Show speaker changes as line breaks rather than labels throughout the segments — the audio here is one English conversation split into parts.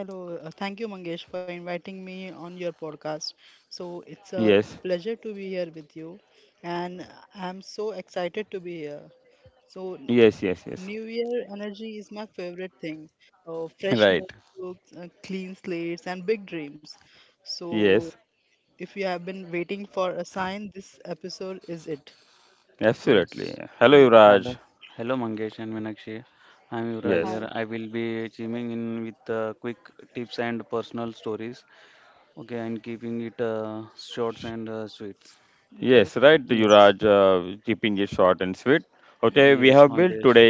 Hello, thank you, Mangesh, for inviting me on your podcast. So it's a pleasure to be here with you, and I'm so excited to be here. So, New Year energy is my favorite thing. Fresh notebooks, clean slates, and big dreams. So, if you have been waiting for a sign, this episode is it.
Yes.
Yes.
Hello. Hello, Mangesh and Meenakshi. I'm Yuvraj here.
Hi.
I will be chiming in with quick tips and personal stories. Okay, and keeping it short and sweet.
Good.
Yes. Yes, Mangesh.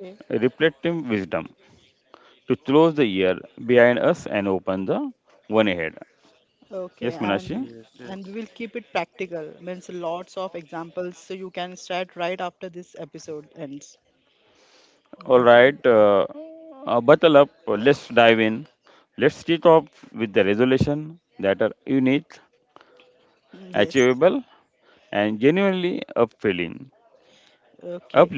Okay. Okay,
Yes,
and
yes.
and we will keep it practical. Means lots of examples, so you can start right after this episode ends. Okay. Yes. Okay.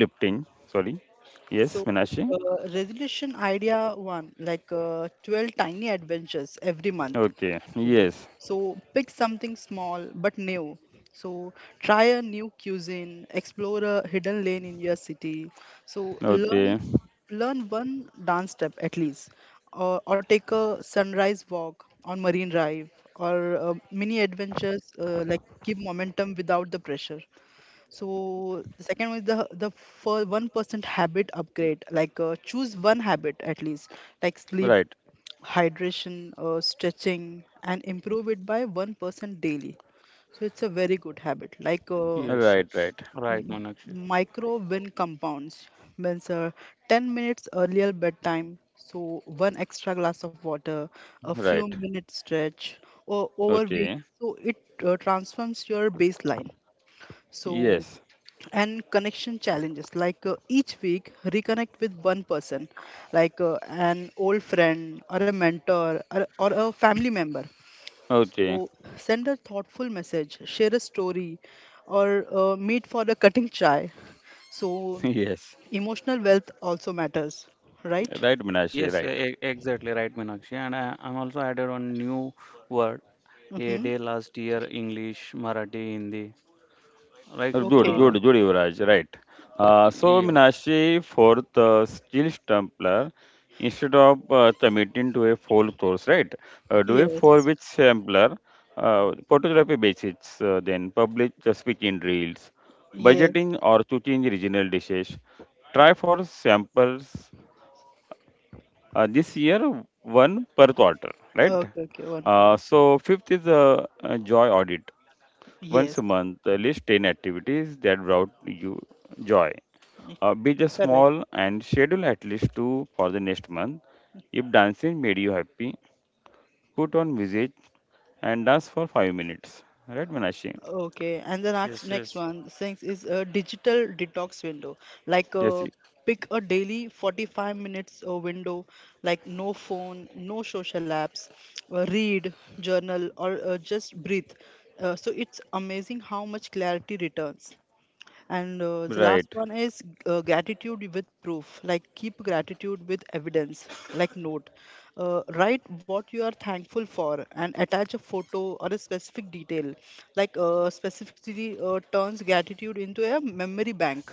So, resolution idea one, like 12 tiny adventures every month you should do. So, pick something small but new. So, try a new cuisine, explore a hidden lane in your city. So, learn one dance step at least, or take a sunrise walk on Marine Drive, or mini adventures like keep momentum without the pressure. So the second one is the for 1% habit upgrade. Like choose one habit at least, like sleep, hydration, stretching, and improve it by 1% daily. So it's a very good habit. Like
Yes, yes. Right, Meenakshi.
micro win compounds means 10 minutes earlier bedtime. So one extra glass of water, a few minutes stretch, or over weeks. So it transforms your baseline. So and connection challenges like each week reconnect with one person like an old friend or a mentor or a family member. So send a thoughtful message, share a story, or meet for a cutting chai. So emotional wealth also matters, right?
Yes, exactly right, Meenakshi. And I'm also added one new word a
Mm-hmm.
day last year: English, Marathi, Hindi. Right?
Okay.
Yeah.
Yes, yes. Okay. Okay, one for one. Yes, correct. Okay, and the next
Yes,
next
yes.
one things is a digital detox window. Like pick a daily 45 minutes window, like no phone, no social apps, read, journal, or just breathe. So it's amazing how much clarity returns. And the last one is gratitude with proof. Like keep gratitude with evidence, like note. Write what you are thankful for and attach a photo or a specific detail. Like specifically turns gratitude into a memory bank,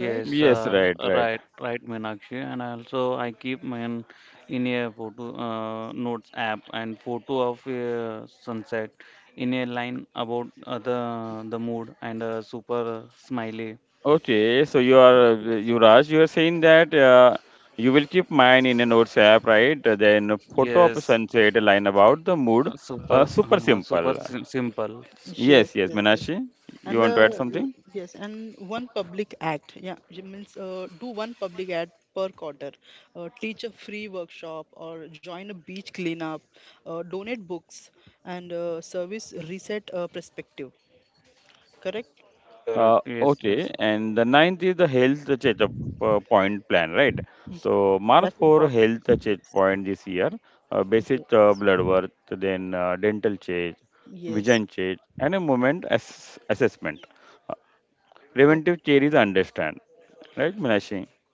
right?
right, right, Meenakshi. And I also, I keep mine in a photo notes app and photo of a sunset in a line about the mood and super smiley. Yes, super, super simple.
Yes, yes, yes. And the l- yes, and one public act, yeah, means do one public act per quarter, teach a free workshop or join a beach cleanup, donate books, and service reset perspective. Correct?
Correct. Yes, yes.
That's important. Yes. Yes. Yes. Okay.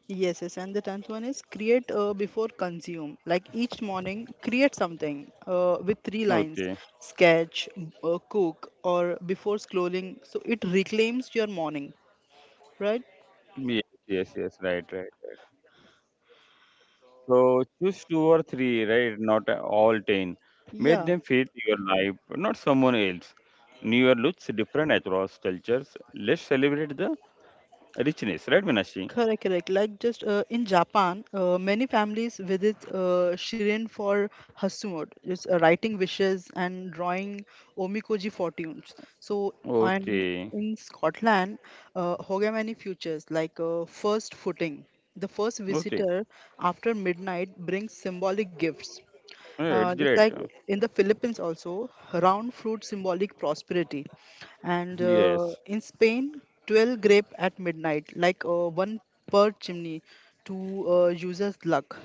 Yes, yes, and the tenth one is create before consume. Like each morning, create something with three lines sketch, cook, or before scrolling. So it reclaims your morning, right? Yeah. Correct, correct. Like just in Japan, many families visit Shirin for Hasumoto, just writing wishes and drawing omikoji fortunes. So, and in Scotland, Hogamani futures like first footing. The first visitor after midnight brings symbolic gifts, it's like in the Philippines also, round fruit symbolic prosperity, and in Spain, 12 grape at midnight, like one per chimney, to users' luck.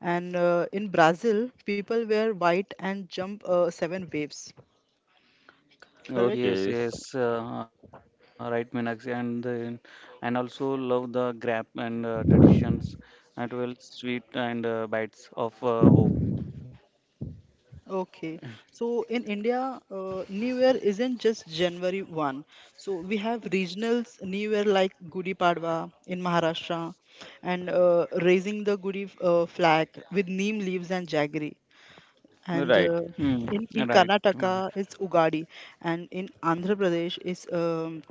And in Brazil, people wear white and jump seven waves.
Yes, yes, right, Meenakshi, and then and also love the grab and traditions and well sweet and bites of hope.
Okay, so in India, New Year isn't just January 1. So we have regionals New Year like Gudi Padwa in Maharashtra and raising the Gudi flag with neem leaves and jaggery. And uh,
Hmm.
in, in
Right, Manoj.
Karnataka, it's Ugadi. And in Andhra Pradesh,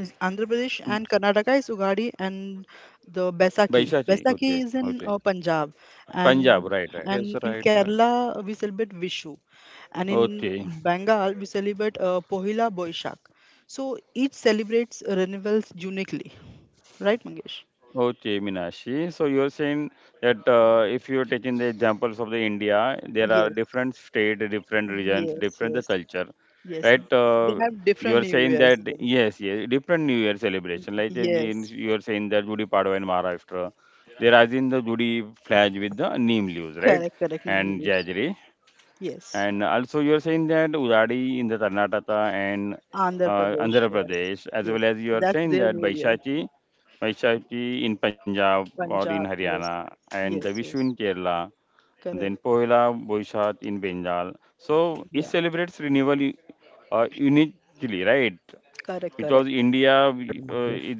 is Andhra Pradesh and Karnataka is Ugadi and the Baisakhi. Baisakhi is in Punjab and
Yes,
and
right,
in
right.
Kerala we celebrate Vishu and in Bengal we celebrate Pohila Boishak. So each celebrates renewals uniquely, right, Mangesh? Yes, yes, yes, yes. They have different New Year's. Yes, correct, correct New Year's. Yes, Andhra Pradesh. Yes, yes. That's their New Year. Punjab, yes, yes, yes, correct, yeah, correct, correct,
Correct, Mangesh.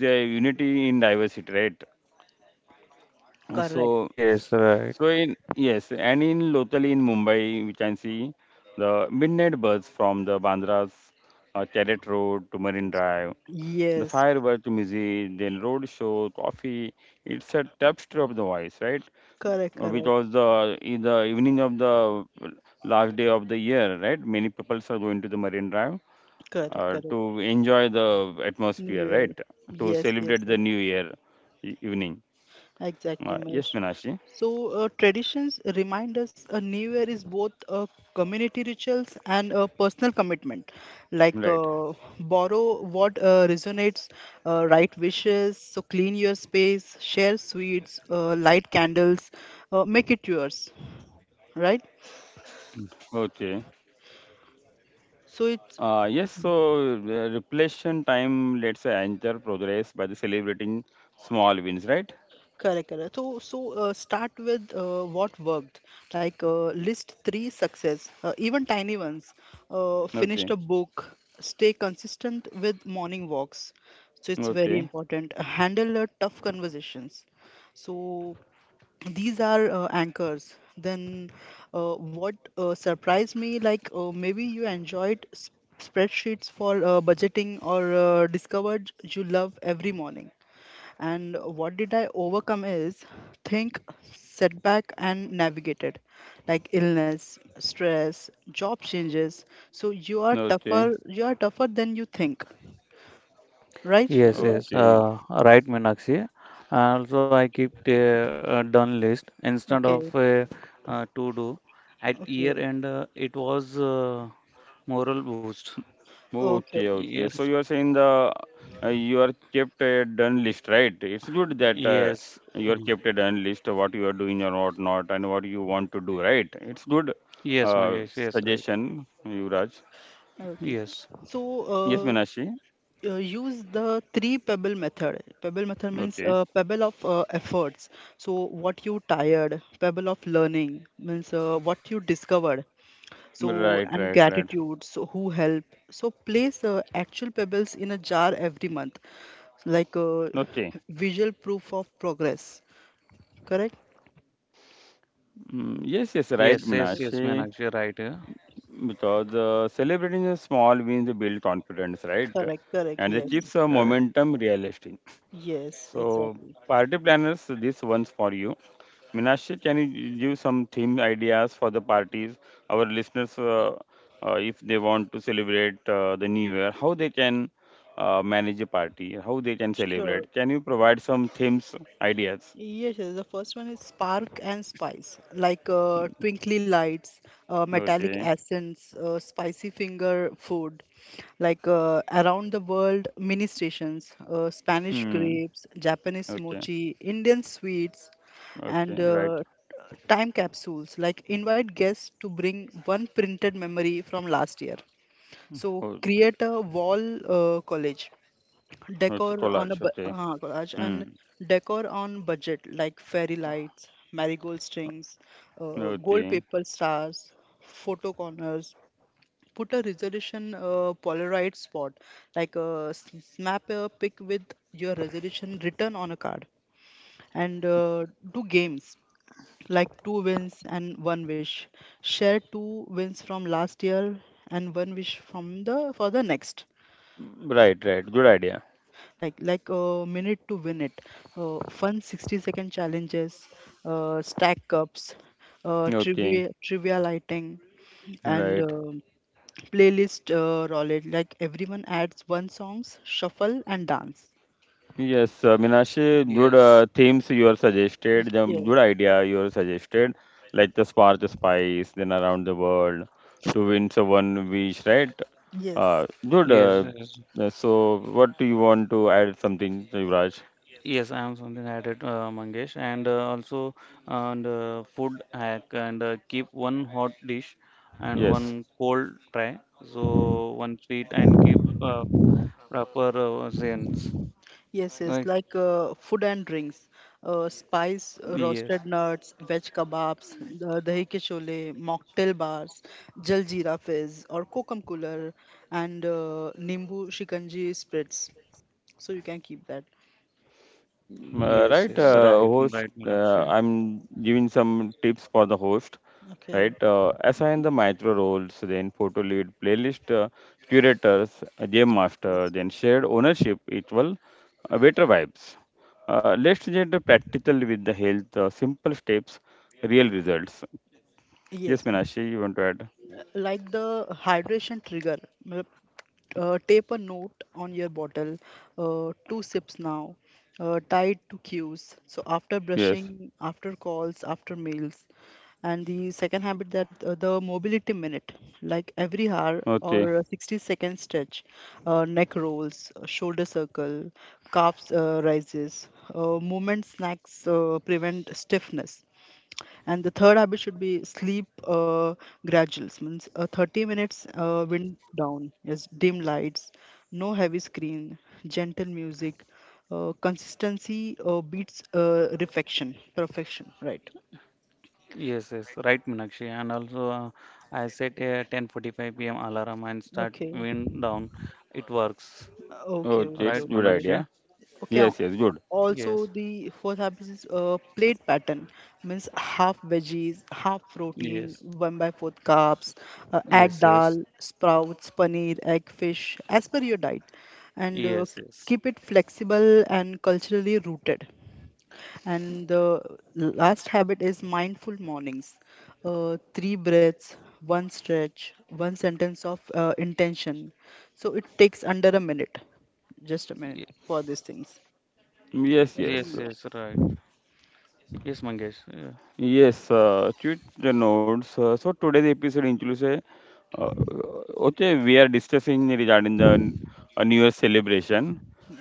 correct,
Yes, right.
yes, correct, correct, correct, correct, New Year, yes, yes, yes. Exactly, Mahesh. So, traditions remind us a New Year is both a community rituals and a personal commitment. Like, borrow what resonates, right wishes, so clean your space, share sweets, light candles, make it yours, right? So it's correct, correct. So start with what worked. Like list three success, even tiny ones. Finished a book. Stay consistent with morning walks. So it's very important. Handle tough conversations. So these are anchors. Then what surprised me, like maybe you enjoyed spreadsheets for budgeting or discovered you love every morning. And what did I overcome is think, setback, and navigated like illness, stress, job changes. So you are tougher than you think, right?
Yes,
Yuvraj?
yes. Right, Meenakshi. And also, I keep a done list instead of
Okay,
a, to do. At year
okay,
end, it was moral boost.
okay,
Yes, yes, Mm. yes, Mangesh. Yes, right.
okay.
Yes,
So use the three pebble method. Pebble method means pebble of efforts. So, what you tired, pebble of learning means what you discovered, so and gratitude so who help so place actual pebbles in a jar every month. So, like visual proof of progress, correct.
yes,
Yes,
yes, yes, Meenakshi. Right. Yeah.
correct, correct, yes,
Correct.
yes, exactly, sure. Yes, yes, the first one is spark and spice, like twinkly lights, metallic accents, spicy finger food, like around the world mini stations, Spanish grapes, Japanese mochi, Indian sweets, and time capsules. Like invite guests to bring one printed memory from last year. So create a wall college decor on a Raj, and decor on budget like fairy lights, marigold strings, gold paper stars, photo corners, put a resolution polaroid spot, like snap a pic with your resolution written on a card. And do games like two wins and one wish, share two wins from last year and one wish from the for the next. Like a minute to win it, fun 60-second challenges, stack cups, uh, trivia lighting and playlist roulette, like everyone adds one songs, shuffle and dance.
Yes,
Yes, yes.
yes, yes. Yes, I am something added, Mangesh, and also and food hack and keep one hot dish and one cold tray, so one sweet and keep proper zen's,
Yes, yes,
right?
like food and drinks,
Yes,
spice, roasted nuts, veg kebabs, the dahi ke chole, mocktail bars, jal jeera fizz or kokum cooler, and nimbu shikanji spritz. So you can keep that.
yes, yes,
Yes.
right, right, Meenakshi.
Okay. Yes. Yes. Like the hydration trigger matlab, tape a note on your bottle, two sips now, tied to cues, so after brushing, after calls, after meals. And the second habit that the mobility minute, like every hour or 60-second stretch, neck rolls, shoulder circle, calves rises, movement snacks, prevent stiffness. And the third habit should be sleep graduals, means 30 minutes wind down, yes, dim lights, no heavy screen, gentle music, consistency beats reflection, perfection, right?
Yes, yes, right, Meenakshi. And also, I set a 10:45 p.m. alarm and start
Okay,
wind down. It works,
okay, okay,
right,
okay.
Meenakshi?
Okay. Uh, also,
Yes,
the fourth habit is plate pattern means half veggies, half protein,
yes,
one by fourth carbs. Add
yes,
dal,
yes,
sprouts, paneer, egg, fish as per your diet, and
yes, yes.
keep it flexible and culturally rooted. And the last habit is mindful mornings. Three breaths, one stretch, one sentence of intention. So it takes under a minute, just a minute
Ye-
for these things. Of
Yes,
money.
yes, right. Yes, Mangesh. Yeah.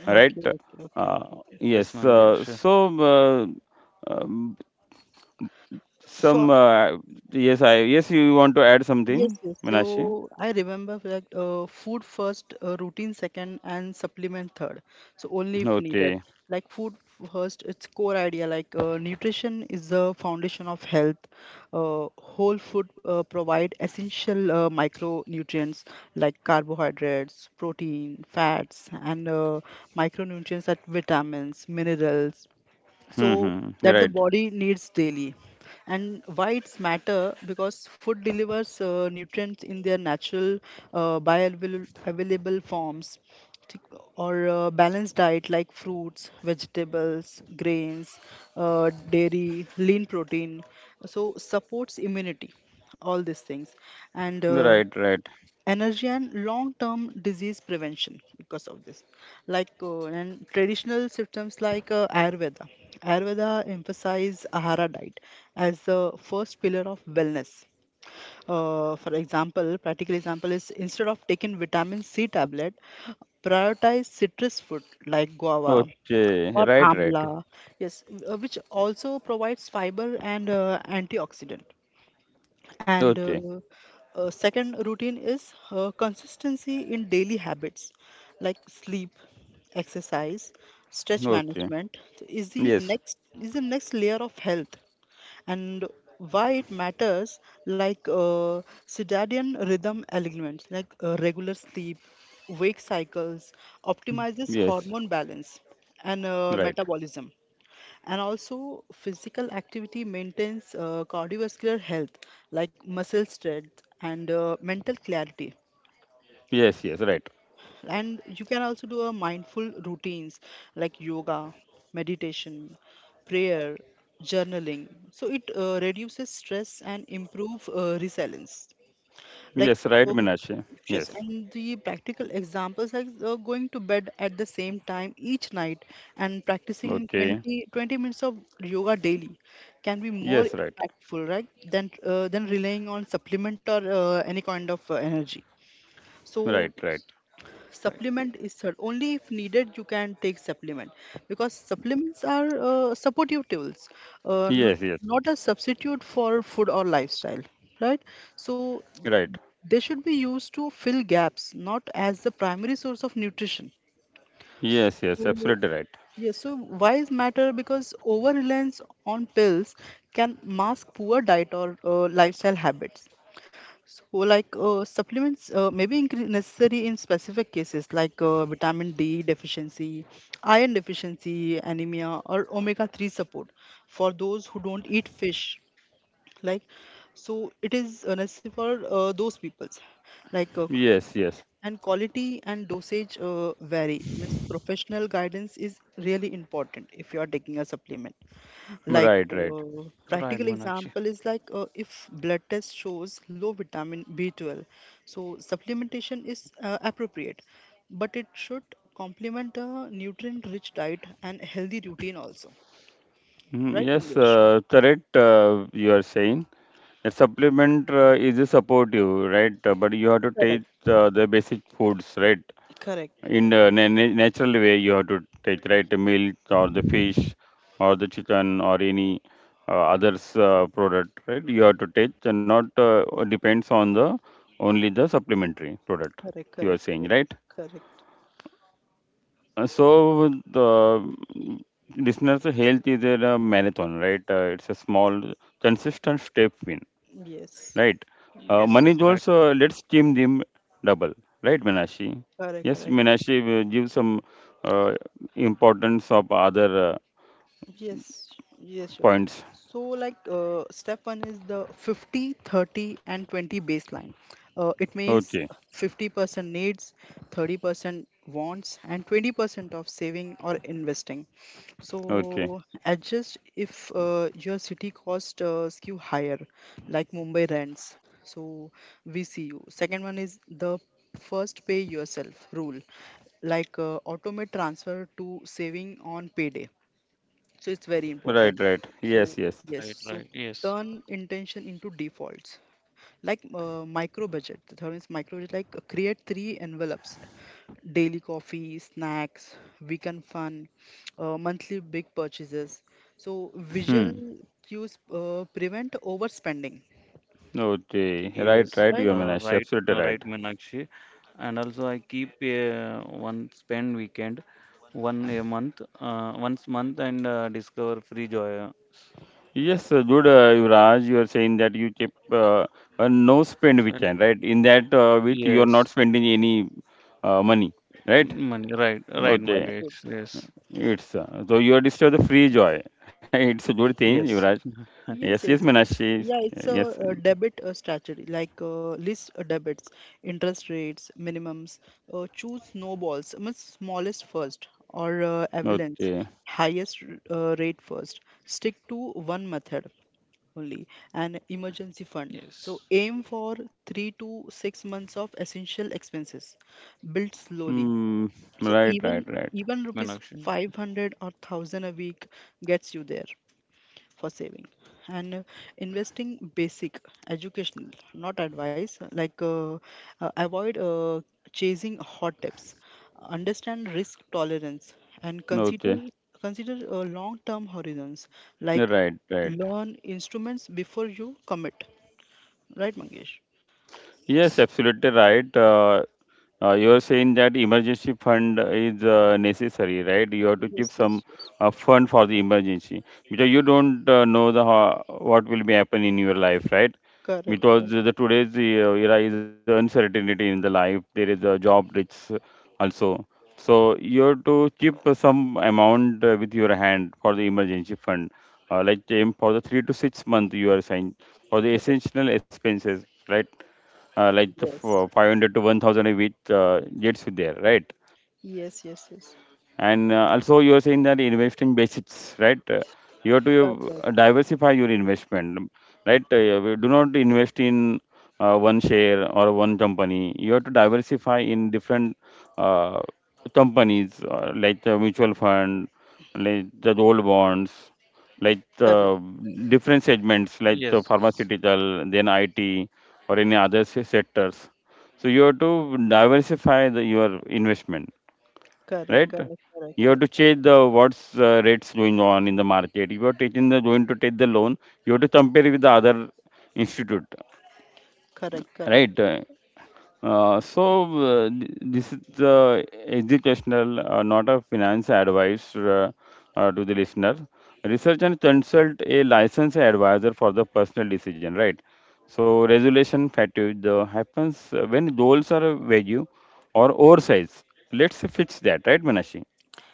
Okay, okay, okay, okay.
Yes, Mangesh.
So, yes, yes. So I remember that food first, routine second, and supplement third. So only if needed. Like food first, its core idea like nutrition is the foundation of health. Whole food provide essential micronutrients like carbohydrates, protein, fats, and micronutrients like vitamins, minerals, so that the body needs daily. And why it's matter, because food delivers nutrients in their natural bioavailable forms. Th- or a balanced diet like fruits, vegetables, grains, dairy, lean protein, so supports immunity, all these things, and energy and long-term disease prevention because of this. Like and traditional systems like ayurveda emphasize ahara diet as the first pillar of wellness. For example, practical example is instead of taking vitamin C tablet, prioritize citrus fruit like guava or amla. Yes, which also provides fiber and antioxidant. And second routine is consistency in daily habits like sleep, exercise, stretch management. So, is the next layer of health. And why it matters, like circadian rhythm elements like regular sleep, wake cycles optimizes hormone balance and metabolism. And also physical activity maintains cardiovascular health like muscle strength and mental clarity. And you can also do a mindful routines like yoga, meditation, prayer, journaling, so it reduces stress and improve resilience, like so anxious. And the practical examples like going to bed at the same time each night and practicing twenty minutes of yoga daily can be more impactful, right? Than than relying on supplement or any kind of energy. So
Yes, right, right.
supplement is third. Only if needed you can take supplement because supplements are supportive tools, uh, n- not a substitute for food or lifestyle, right? So they should be used to fill gaps, not as the primary source of nutrition. So, yes, so why is matter? Because over reliance on pills can mask poor diet or lifestyle habits. So, like supplements may be necessary in specific cases like vitamin D deficiency, iron deficiency, anemia, or omega 3 support for those who don't eat fish. Like, so it is necessary for those peoples like and quality and dosage vary. Means professional guidance is really important if you are taking a supplement. Like
Right,
practical
Meenakshi.
example is like if blood test shows low vitamin B12, so supplementation is appropriate, but it should complement a nutrient-rich diet and healthy routine also. Right, Mangesh? Correct. Correct. Correct. Correct. Correct. Correct. Yes. Yes.
Yes, yes, right,
Correct. Correct. Yes, yes, sure. So, like, step one is the 50, 30, and 20 baseline. It means 50% needs, 30% wants, and 20% of saving or investing. So, adjust if your city cost skew higher, like Mumbai rents. So, VCU. Second one is the first pay yourself rule, like automate transfer to saving on payday. So it's very important. So yes,
right,
so
right. Yes,
turn intention into defaults. Like micro budget. The third one is micro budget. Like create three envelopes: daily coffee, snacks, weekend fun, monthly big purchases. So visual cues prevent overspending.
yes,
Right?
right, right, Meenakshi. And also, I keep a one spend weekend, one a month, once month, and discover free joy. And yes, money. Right, right,
Mm, that's good.
Mangesh. Yes, yes,
Yes, yes. Yeah, it's a, debit strategy, like list debits, interest rates, minimums. Choose snowballs, much smallest first, or avalanche, highest rate first. Stick to one method only, an emergency fund.
yes.
So aim for 3 to 6 months of essential expenses. Build slowly. So even
Right,
rupees
Meenakshi.
500 or 1,000 a week gets you there for saving and investing basic educational not advice like avoid chasing hot tips understand risk tolerance and consider long term horizons like learn instruments before you commit, right Mangesh?
Yes,
Yes, yes, yes. Correct, correct. Correct. Yes. Yes, yes, yes. Correct. Correct,
yes.
correct. Correct. Correct. Correct. Correct. Correct.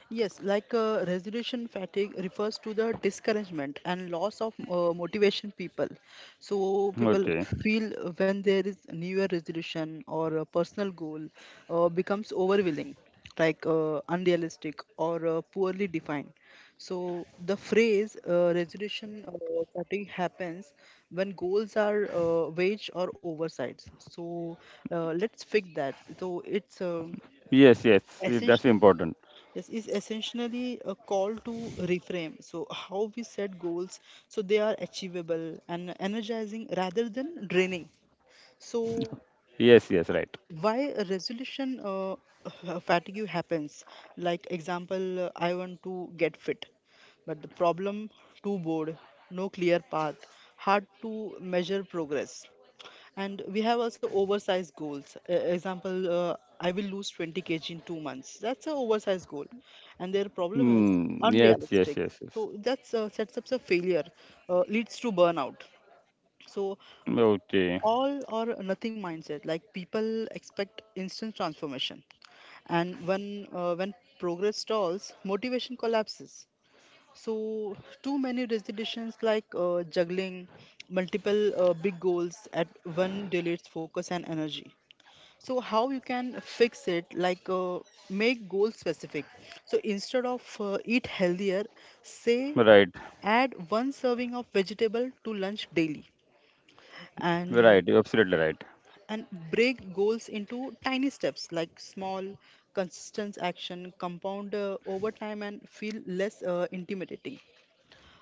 Yes, like resolution fatigue refers to the discouragement and loss of motivation people. So people feel when there is new year resolution or a personal goal becomes overwhelming, like unrealistic or poorly defined. So the phrase resolution fatigue happens when goals are waged or oversized. So let's fix that. So it's essential Yes, is essentially a call to reframe. So, how we set goals so they are achievable and energizing rather than draining. So, why a resolution fatigue happens, like example I want to get fit, but the problem: too bored, no clear path, hard to measure progress. And we have also oversized goals, example I will lose 20 kg in 2 months. That's an oversized goal and their problem is unrealistic, so that's sets up a failure, leads to burnout. So all or nothing mindset, like people expect instant transformation, and when progress stalls motivation collapses. So too many decisions, like juggling multiple big goals at one deletes focus and energy. So how you can fix it: like make goal specific. So instead of eat healthier, say add one serving of vegetable to lunch daily, and and break goals into tiny steps, like small, consistent action, compound over time, and feel less intimidating.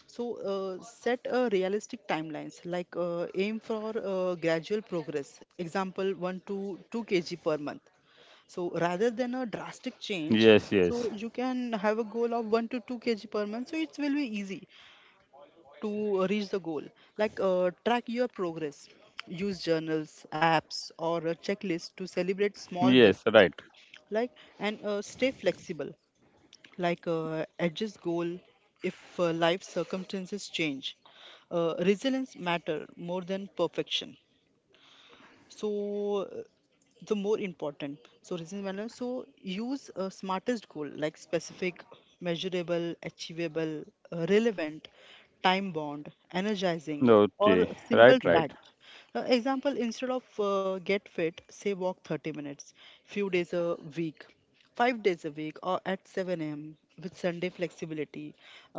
So, set a realistic timelines, like aim for gradual progress, example 1 to 2 kg per month. So, rather than a drastic change, so you can have a goal of 1 to 2 kg per month, so it will be easy to reach the goal. Like track your progress, use journals, apps or a checklist to celebrate small wins, like. And stay flexible, like adjust goal if life circumstances change. Resilience matter more than perfection, so the more important, so reason manner, so use a smartest goal, like specific, measurable, achievable, relevant, time bound, energizing or a simple
No,
fact. Example: instead of get fit, say walk 30 minutes few days a week, 5 days a week or at 7 a.m. with sunday flexibility.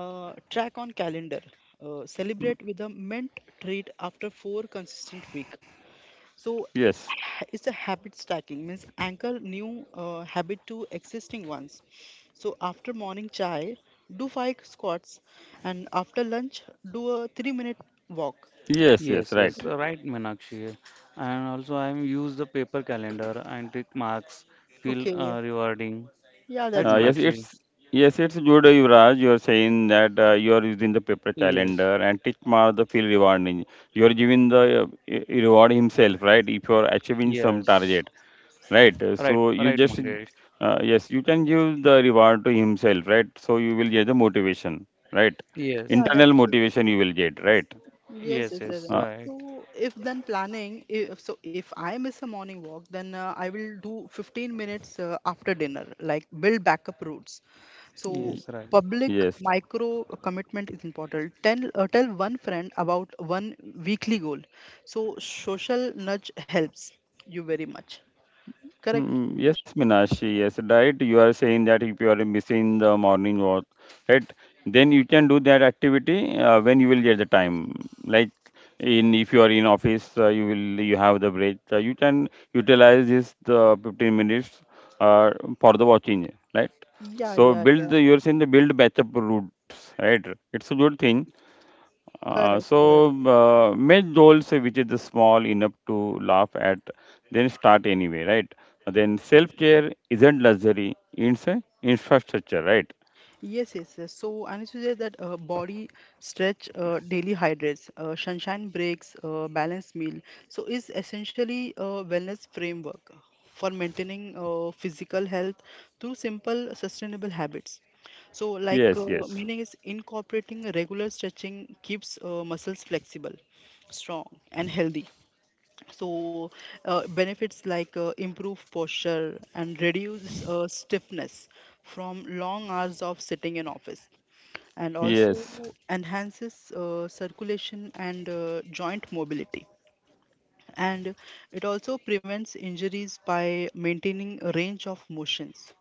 Track on calendar, celebrate with a mint treat after four consistent week. So it's a habit stacking, means anchor new habit to existing ones. So after morning chai, do five squats, and after lunch, do a 3 minute walk.
Yes, yes,
Correct?
right, Meenakshi. And also, I use the paper calendar and tick marks feel
Okay,
rewarding.
yeah,
Right,
that's good.
Meenakshi? Yes, yes, right, right, Mangesh. Yes,
Yeah, that's yes,
yes,
yes, yes,
yes,
yes.
right,
So if then planning, if, so if I miss a morning walk, then I will do 15 minutes after dinner, like build backup routes. So
yes, right,
public micro commitment is important. Tell one friend about one weekly goal. So social nudge helps you very much. Correct? Yes. Yeah, yeah, yeah. Correct, correct. Yes, yes, yes. So, and it suggests that body stretch, daily hydrates, sunshine breaks, balanced meal. So, is essentially a wellness framework for maintaining physical health through simple, sustainable habits. So, like meaning is incorporating regular stretching keeps muscles flexible, strong, and healthy. So benefits like improved posture and reduce stiffness from long hours of sitting in office, and also enhances circulation and joint mobility, and it also prevents injuries by maintaining a range of motions.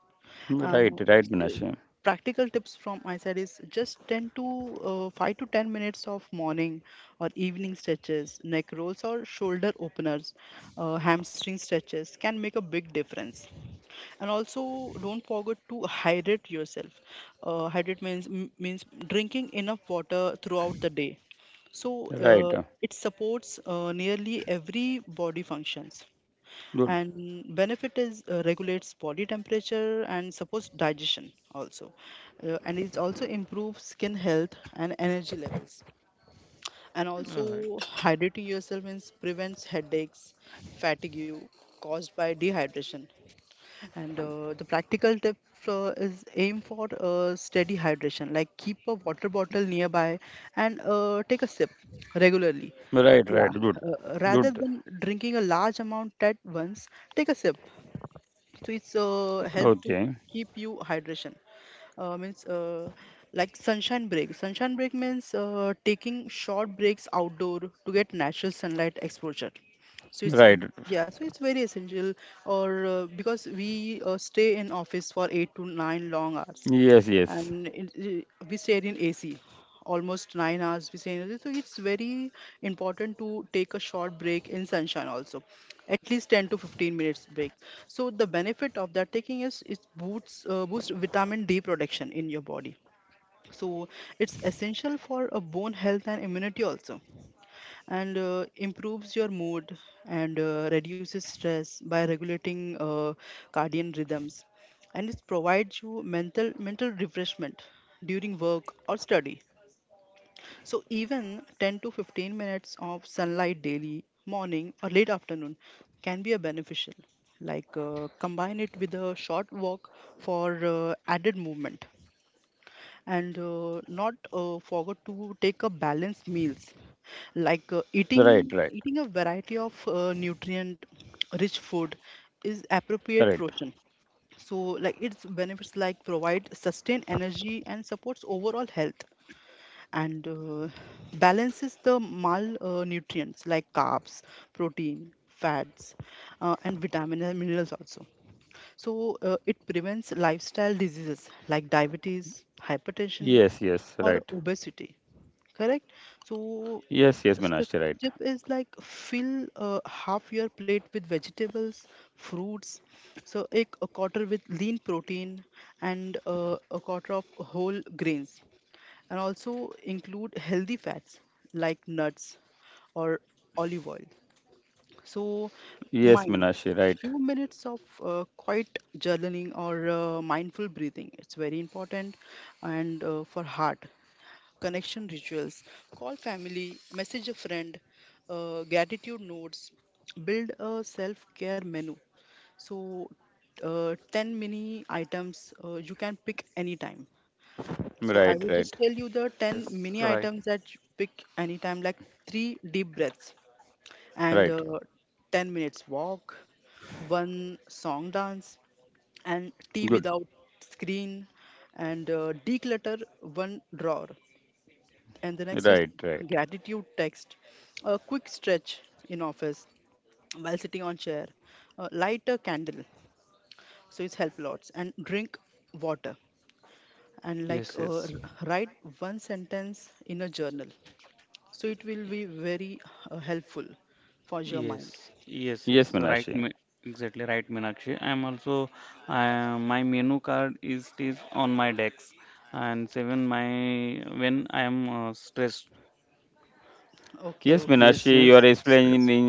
uh, s- Practical tips from my side is just 10 to 5 to 10 minutes of morning or evening stretches. Neck rolls or shoulder openers, hamstring stretches can make a big difference. And also don't forget to hydrate yourself. Hydrate means means drinking enough water throughout the day. So it supports nearly every body functions, and benefit is regulates body temperature and supports digestion also. And it also improves skin health and energy levels, and also
right,
hydrating yourself means prevents headaches, fatigue caused by dehydration. And the practical tip is aim for steady hydration, like keep a water bottle nearby and take a sip regularly. Yeah, rather than drinking a large amount at once, take a sip, so its help to keep you hydration, means, like sunshine break. Sunshine break means taking short breaks outdoor to get natural sunlight exposure. So it's, yeah, so it's very essential, or because we stay in office for 8 to 9 long hours, and we stay in AC almost 9 hours. We stay in AC, so it's very important to take a short break in sunshine also, at least 10 to 15 minutes break. So the benefit of that taking is it boosts, boosts vitamin D production in your body. So it's essential for a bone health and immunity also, and improves your mood and reduces stress by regulating cardiac rhythms, and it provides you mental refreshment during work or study. So even 10 to 15 minutes of sunlight daily, morning or late afternoon, can be a beneficial. Like combine it with a short walk for added movement, and not forget to take a balanced meals, like eating a variety of nutrient rich food is appropriate portion. So like its benefits like provide sustained energy and supports overall health, and balances the mal nutrients like carbs, protein, fats, and vitamins and minerals also. So it prevents lifestyle diseases like diabetes, hypertension, or obesity. Correct. So the tip is like fill half your plate with vegetables, fruits. So a quarter with lean protein and a quarter of whole grains, and also include healthy fats like nuts or olive oil. So, mind few minutes of quiet journaling or mindful breathing, it's very important, and for heart connection rituals, call family, message a friend, gratitude notes, build a self care menu. So 10 mini items you can pick anytime. So I will just tell you the 10
yes,
mini
right,
items that you pick anytime, like three deep breaths and 10 minutes walk, one song dance, and tea without screen, and declutter one drawer. And the next is gratitude text, a quick stretch in office while sitting on chair, light a candle, so it's help lots, and drink water. And like
yes, yes.
write one sentence in a journal, so it will be very helpful for your mind.
Yes, yes, yes, right, Me exactly right, Meenakshi. I'm also, my menu card is on my desk, and even my when I am stressed.
Okay, okay,
Yes, yes, stressed.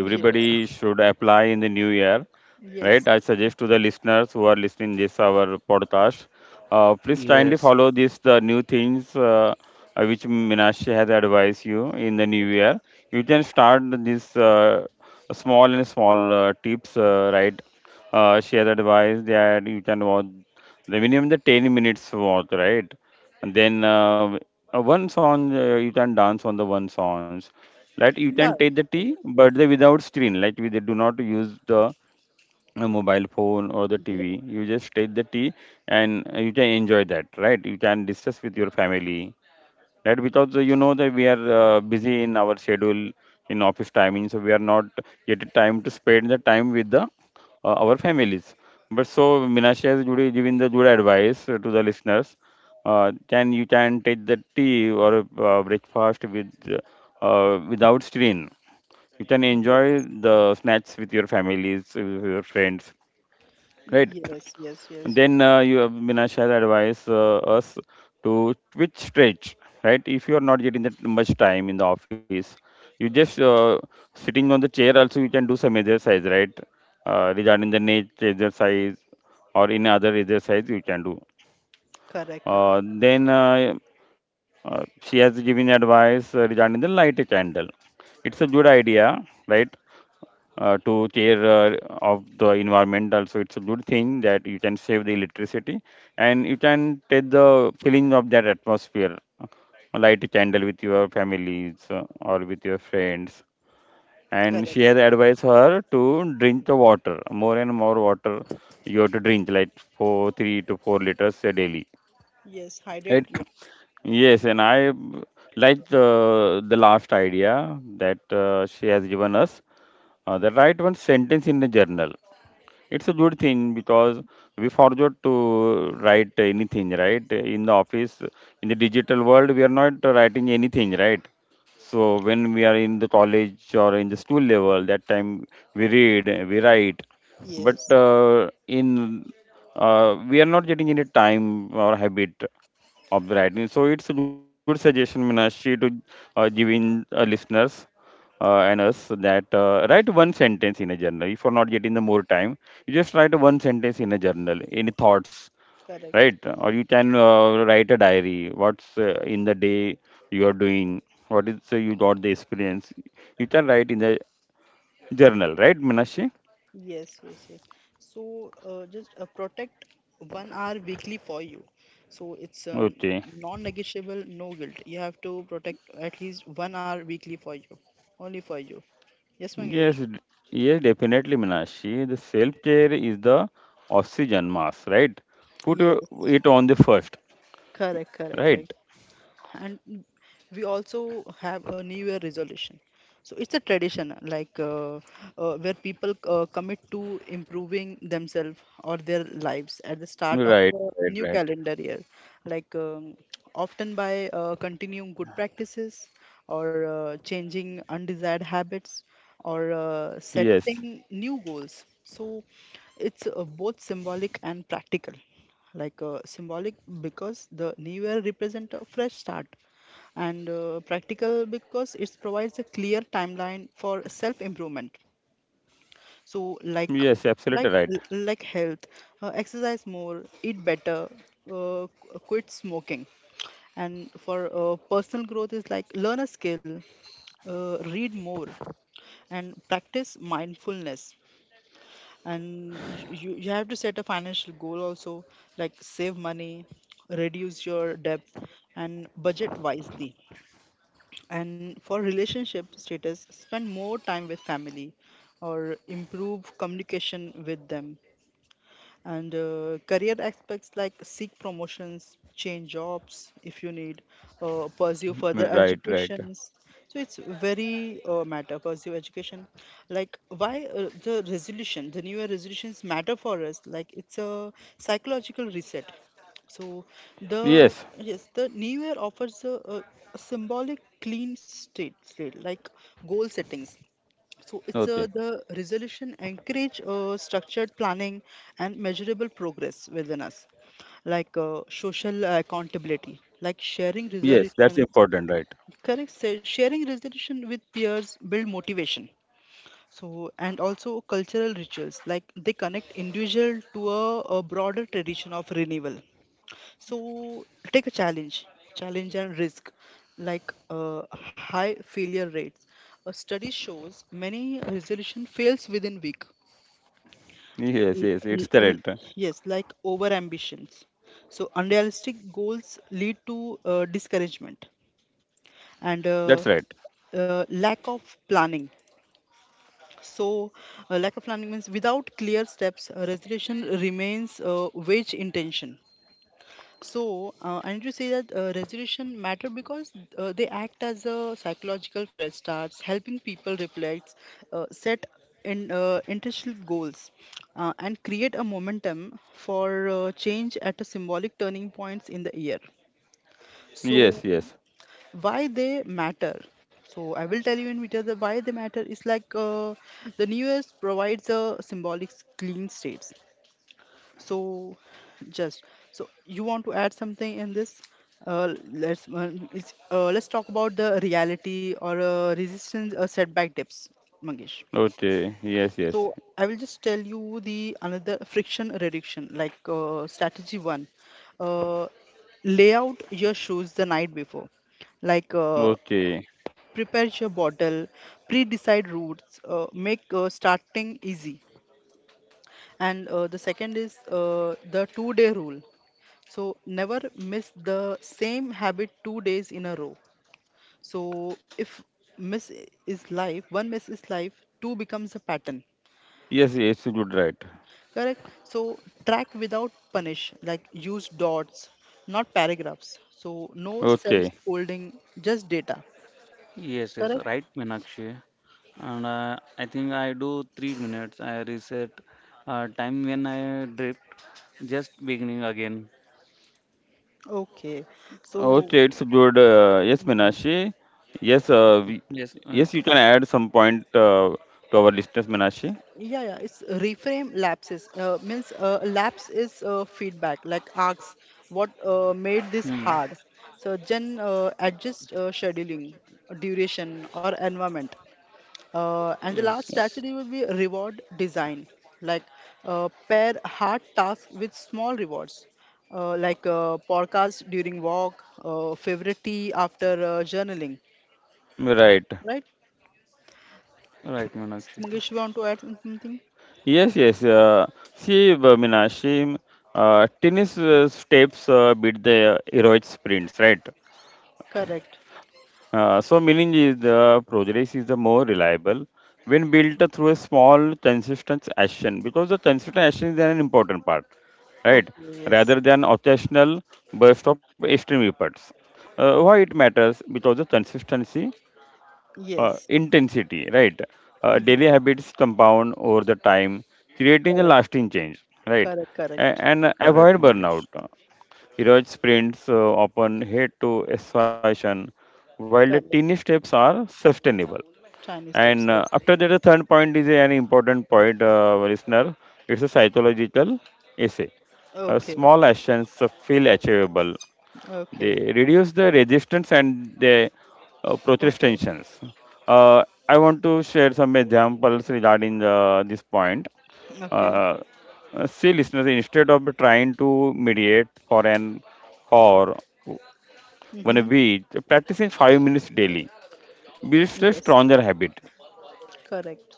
yes,
Uh,
yes,
yes,
yes. Yeah, that's correct. Yes, yes, yes, yes, yes, yes, correct, correct, correct, yes, hydrate, yes, yes, correct, yes, yes, yes. So just protect 1 hour weekly for you, so it's non-negotiable, no guilt. You have to protect at least 1 hour weekly for you, only for you. Yes, Mangesh. Yes. Correct, correct, right. And we also have a New Year resolution. So it's a tradition, like where people commit to improving themselves or their lives at the start of a new calendar year, like often by continuing good practices or changing undesired habits or setting new goals. So it's both symbolic and practical, like symbolic because the new year represents a fresh start, and practical because it provides a clear timeline for self improvement. So like like health, exercise more, eat better, quit smoking. And for personal growth is like learn a skill, read more, and practice mindfulness. And you have to set a financial goal also, like save money, reduce your debt, and budget wisely. And for relationship status, spend more time with family or improve communication with them. And career aspects, like seek promotions, change jobs if you need, pursue further educations. So it's very matter pursue education, like why the new year resolutions matter for us. Like it's a psychological reset, so the yes the new year offers a, a symbolic clean state slate. Like goal settings, so it's the resolution encourage structured planning and measurable progress within us, like social accountability, like sharing resolutions. Correct, sir. Sharing resolution with peers build motivation. So and also cultural rituals, like they connect individual to a broader tradition of renewal. So take a challenge, challenge and risk, like high failure rates. A study shows many resolution fails within week. L- l- l- yes, like over ambitions. So unrealistic goals lead to discouragement and lack of planning. So lack of planning means without clear steps, resolution remains wage intention. So, and you say that resolution matter because they act as a psychological fresh starts, helping people reflect, set in intentional goals, and create a momentum for change at a symbolic turning points in the year. So, why they matter? So, I will tell you in detail the why they matter is like the New Year's provides a symbolic clean states. So, just so you want to add something in this? Let's it's, let's talk about the reality or resistance setback tips, Mangesh. So I will just tell you the another friction reduction, like strategy one. Uh, Lay out your shoes the night before, like prepare your bottle, pre-decide routes, make starting easy. And the second is the two-day rule. So never miss the same habit 2 days in a row. So if miss is life, one miss is life, two becomes a pattern. Correct? So track without punish, like use dots, not paragraphs. So no self scolding, just data.
yes, yes,
Correct?
right, Meenakshi. And I think I do 3 minutes. I reset time when I drift, just beginning again.
Okay. So
Yes,
yeah, yeah, it's reframe lapses. Means lapse is feedback, like asks what made
hmm,
this hard. So then adjust scheduling, duration, or environment. And the last
yes,
strategy will be reward design, like pair hard tasks with small rewards, like podcast during walk, favorite tea after journaling, right?
right, Meenakshi.
Mangesh, you want to add something? Correct. Okay, yes. Yes. Mm-hmm. Correct, correct, correct,
Correct, Mangesh.
correct. Chinese steps, yes. Okay, okay, okay, okay. Mm-hmm. Yes, correct,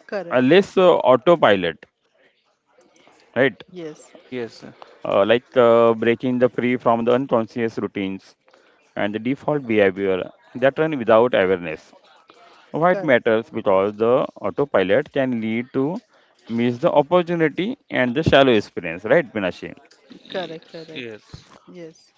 correct, yes,
Yes.
correct, correct,
Yes,
correct.
yes,
Yes,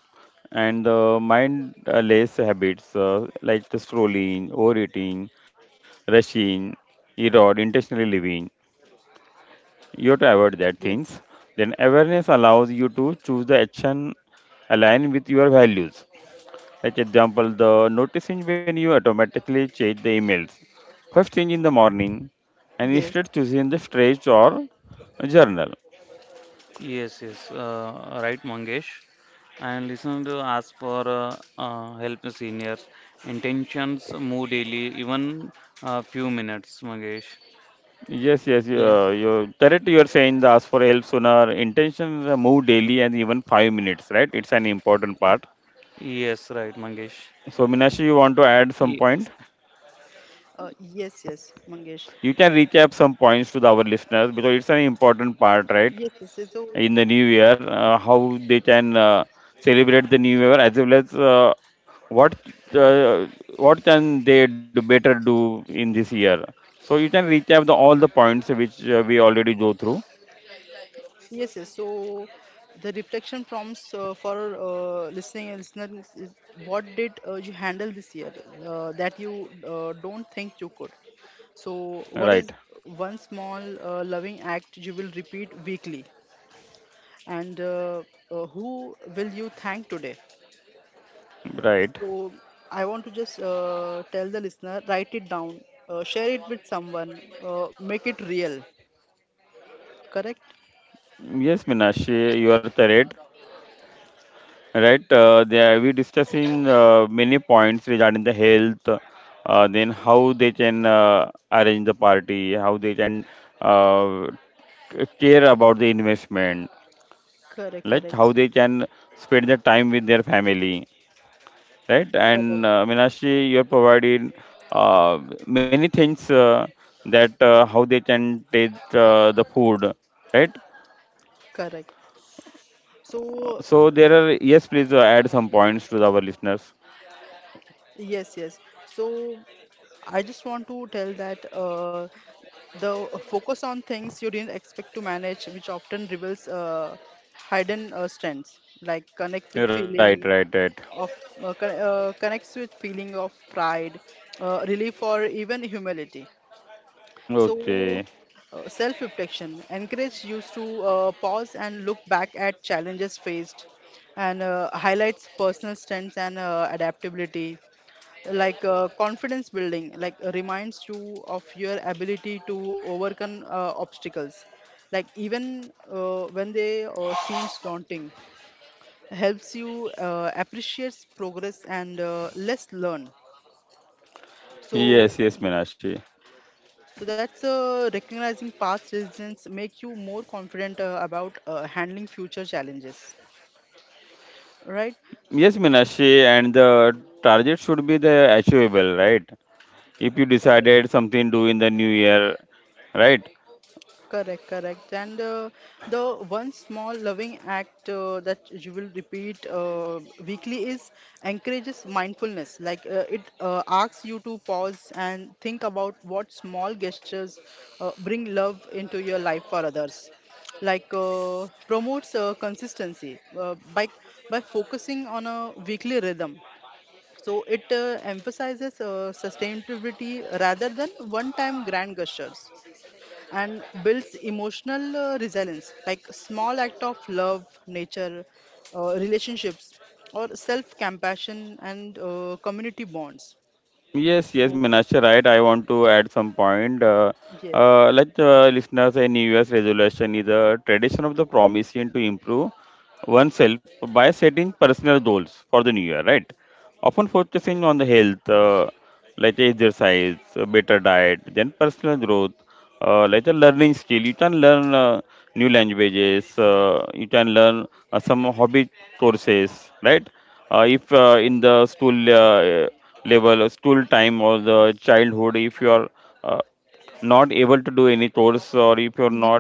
yes, yes.
yes, yes. Right, Mangesh. And listen to ask for help, seniors. Intentions move daily, even few minutes, Mangesh. Yes, yes, right, Mangesh. Yes,
Yes, yes, Mangesh. Yes, yes. So yes, yes. So the reflection prompts for listening and listeners is what did you handle this year that you don't think you could? So what is one small loving act you will repeat weekly? And who will you thank today? So I want to just tell the listener, write it down, share it with someone, make it real. Correct? Correct, correct, correct, correct. So yes, yes. So I just want to tell that the focus on things you didn't expect to manage, which often reveals hidden strengths, like connect with feeling of connects with feeling of pride, relief, or even humility. So self-reflection encourages you to pause and look back at challenges faced, and highlights personal strengths and adaptability, like confidence building, like reminds you of your ability to overcome obstacles, like even when they seems daunting, helps you appreciates progress and less learn. So so that's recognizing past resilience make you more confident about handling future challenges, right? Correct, correct. And the one small loving act that you will repeat weekly is encourages mindfulness. Like it asks you to pause and think about what small gestures bring love into your life for others. Like promotes consistency by focusing on a weekly rhythm. So it emphasizes sustainability rather than one-time grand gestures, and builds emotional resilience, like small act of love nature relationships or self compassion and community bonds. Mm, yes, correct, correct. Hmm,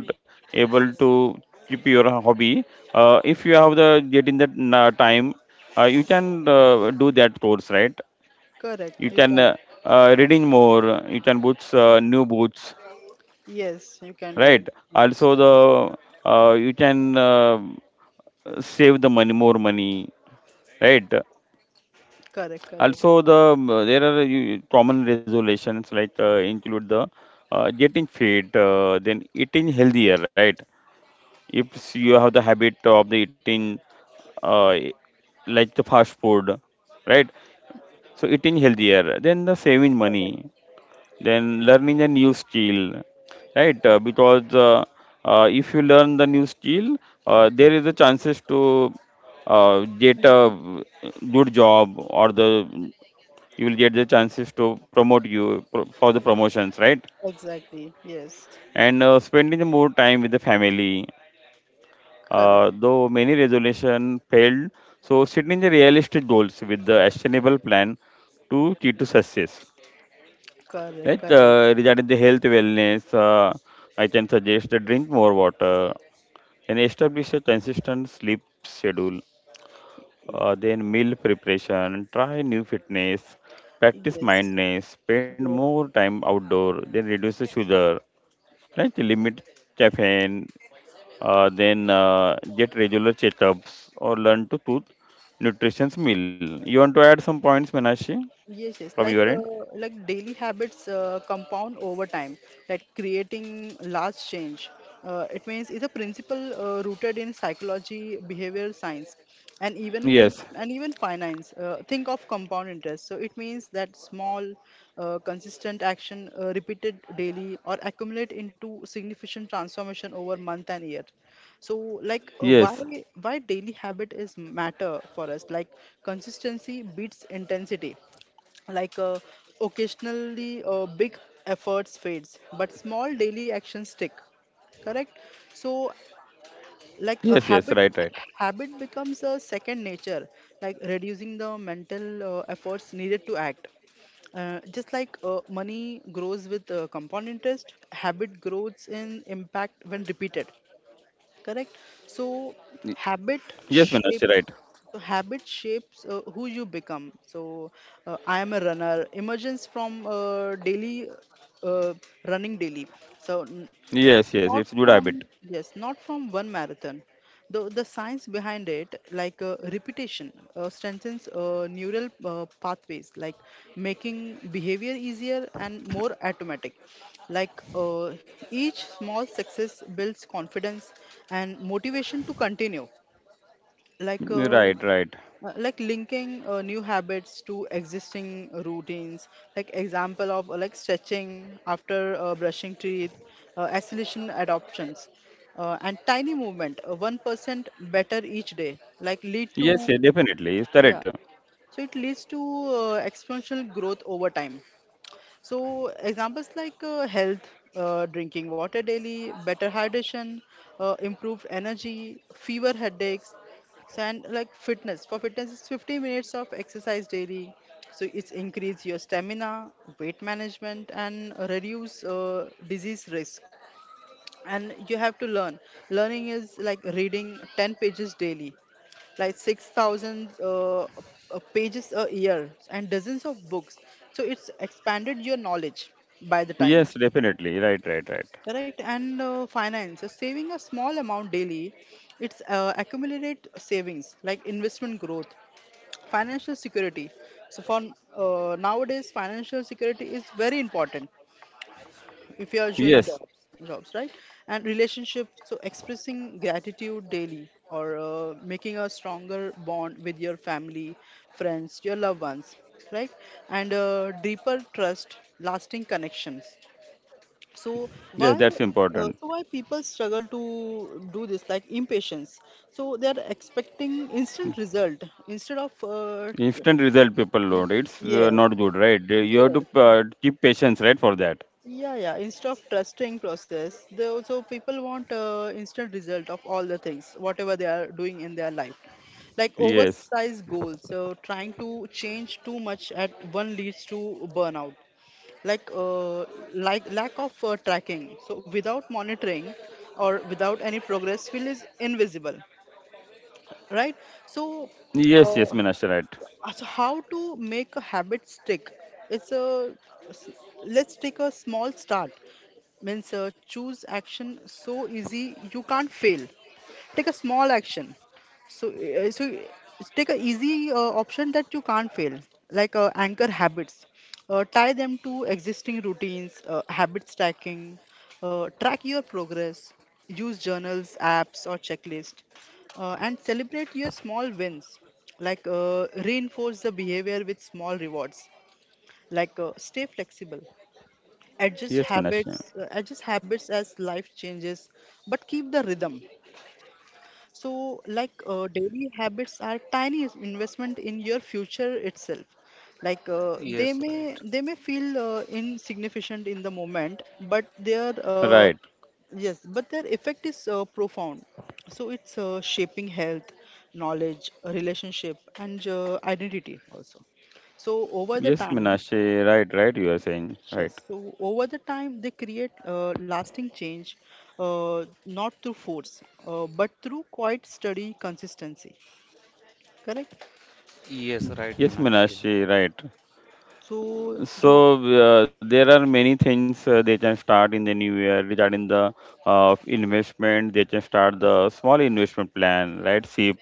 correct. You can, yes you can do it, yes, correct, correct, correct. Mhm. Exactly, yes, correct, correct, correct, yes, yes. Yes, yes. Like daily habits compound over time, that creating large change. It means is a principle rooted in psychology, behavioral science, and even finance. Think of compound interest. So it means that small, consistent action repeated daily or accumulate into significant transformation over month and year. So like why daily habit is matter for us? Like consistency beats intensity, like occasionally big efforts fades but small daily actions stick. Correct? So like a habit becomes a second nature, like reducing the mental efforts needed to act, just like money grows with compound interest, habit grows in impact when repeated. Correct? So habit shape, so habit shapes who you become. So I am a runner emergence from daily uh, running daily, so n- not from yes not from one marathon. The science behind it, like repetition, strengthens neural pathways, like making behavior easier and more automatic. Like each small success builds confidence and motivation to continue, like linking new habits to existing routines, like example of like stretching after brushing teeth, isolation adoptions and tiny movement, 1% better each day, like lead to yeah, so it leads to exponential growth over time. So examples like health, drinking water daily, better hydration, improved energy, fever headaches, so, and like fitness. For fitness, it's 50 minutes of exercise daily. So it's increase your stamina, weight management, and reduce disease risk. And you have to learn learning is like reading 10 pages daily, like 6,000 pages a year and dozens of books, so it's expanded your knowledge by the time. Correct. And finance, so saving a small amount daily, it's accumulate savings, like investment growth, financial security. So for nowadays financial security is very important if you are doing jobs, right? And relationship, so expressing gratitude daily or making a stronger bond with your family, friends, your loved ones, right? And deeper trust, lasting connections. So why so why people struggle to do this, like impatience. So they are expecting instant result instead of tr- yes yes yeah, yeah. Instead of trusting process, they also people want instant result of all the things, whatever they are doing in their life. Like oversized goals, so trying to change too much at one leads to burnout. Like lack of tracking. So without monitoring or without any progress, feel is invisible, right? So uh, so how to make a habit stick? It's s- let's take a small start means choose action so easy you can't fail, take a small action. So, take a easy option that you can't fail, like anchor habits. Tie them to existing routines, habit stacking, track your progress, use journals, apps, or checklist, and celebrate your small wins. Like reinforce the behavior with small rewards. Like stay flexible, adjust habits as life changes, but keep the rhythm. So, like daily habits are tiny investment in your future itself. Like they
yes,
may
right.
feel insignificant in the moment, but their yes, but their effect is profound. So it's shaping health, knowledge, relationship, and identity also. So over the time, yes, so over the time they create lasting change, not through force, but through quiet study consistency. Correct?
Yes, right, Meenakshi.
So you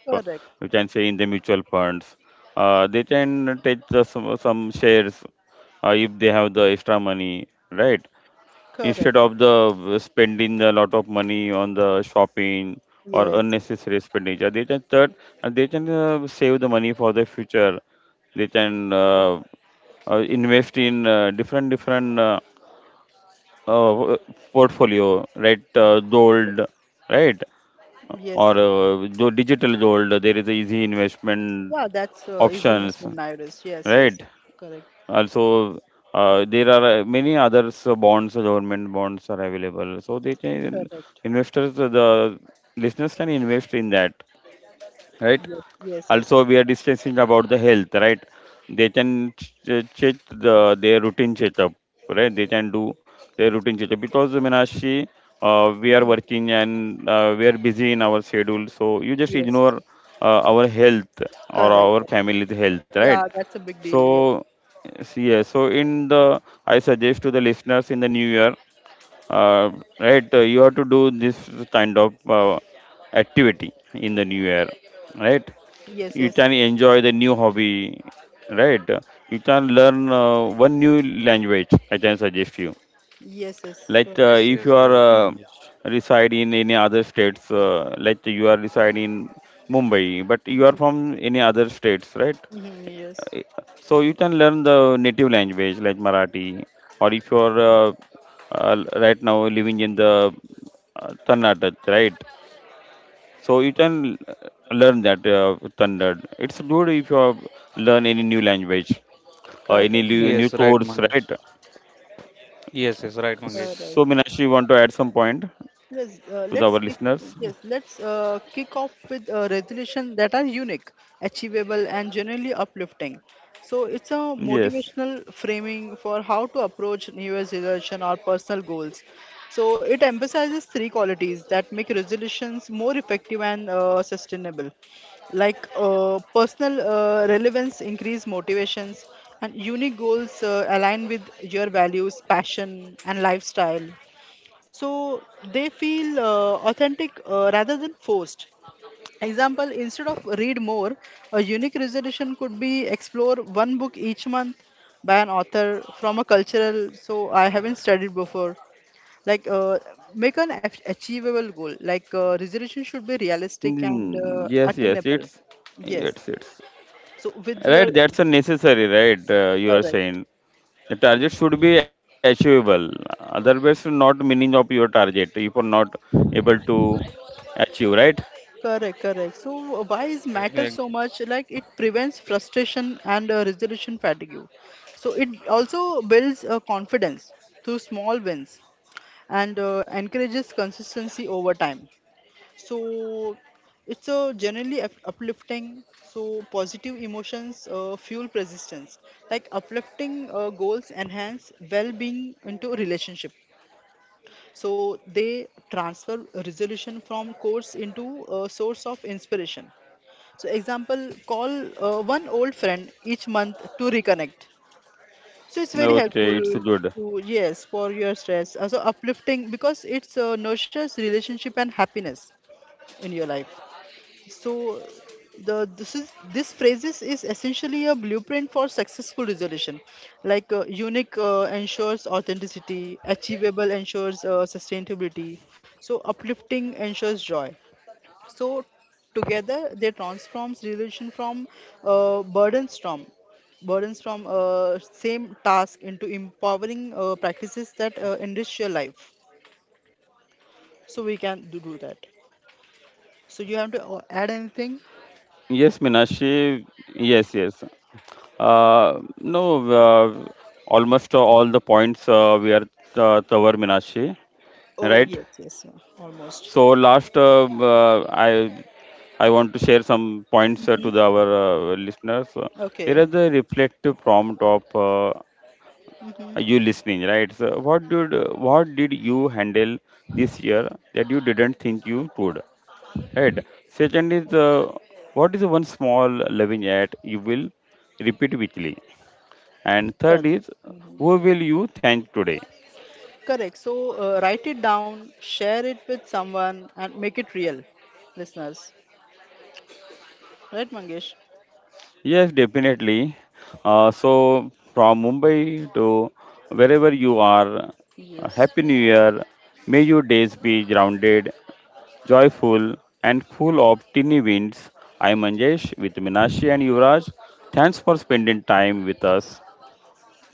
correct, correct. Yes, that's- yes, yes. Yes. Yeah, that's easy investment nowadays. Yes, yes, correct, correct. Yes, yes, yes. Mhm. Yes, correct, correct. Yeah, that's a big deal. Yes, yes, yes, yes, yes. So,
Yes, yes, right, Mangesh.
mhm, yes, correct,
Yes,
correct.
right, Mangesh. Yes, yes, right, Mangesh.
All right. Yes, yes, let's kick off with resolutions that are unique, achievable, and generally uplifting. So it's a motivational framing for how to approach New Year's resolution or personal goals. So it emphasizes three qualities that make resolutions more effective and sustainable, like personal relevance, increase motivations, and unique goals align with your values, passion, and lifestyle, so they feel authentic rather than forced. Example, instead of read more, a unique resolution could be explore one book each month by an author from a cultural, so I haven't studied before, like make an achievable goal, like resolution should be realistic and attainable. Yes, so with your correct correct, correct. So why is
Correct.
matter
Yeah,
so much? Like it prevents frustration and resolution fatigue. So it also builds confidence through small wins and encourages consistency over time. So it's a generally uplifting. So positive emotions fuel persistence. Like uplifting goals enhance well-being into a relationship. So they transfer resolution from course into a source of inspiration. So, example, call one old friend each month to reconnect. So it's very helpful to yes for your stress. Also uplifting because it's nurtures relationship and happiness in your life. So the this is this phrases is essentially a blueprint for successful resolution. Like unique ensures authenticity, achievable ensures sustainability. So uplifting ensures joy, so together they transforms relation from uh, burdens from burdens from same task into empowering practices that enrich your life. So we can do that. So you have to add anything? Oh yes, yes, yeah, almost. Hmm. Okay. Hmm. Correct. Correct. So write it down, share it with someone, and make it real, listeners. Right, Mangesh? Yes.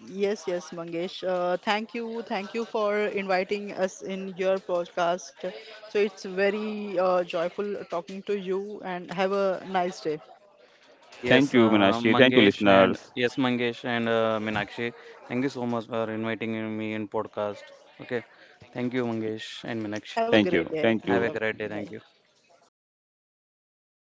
Yes, yes, Mangesh. Thank you, thank you for inviting us in your podcast. So it's very joyful talking to you, and have a nice day.
Yes, Mangesh and yes, Mangesh and Meenakshi. Thank you so much for inviting me in podcast. Okay, thank you, Mangesh and Meenakshi.
Have a great day, both
Have a
of
great
you.
day.
Bye.
Thank you.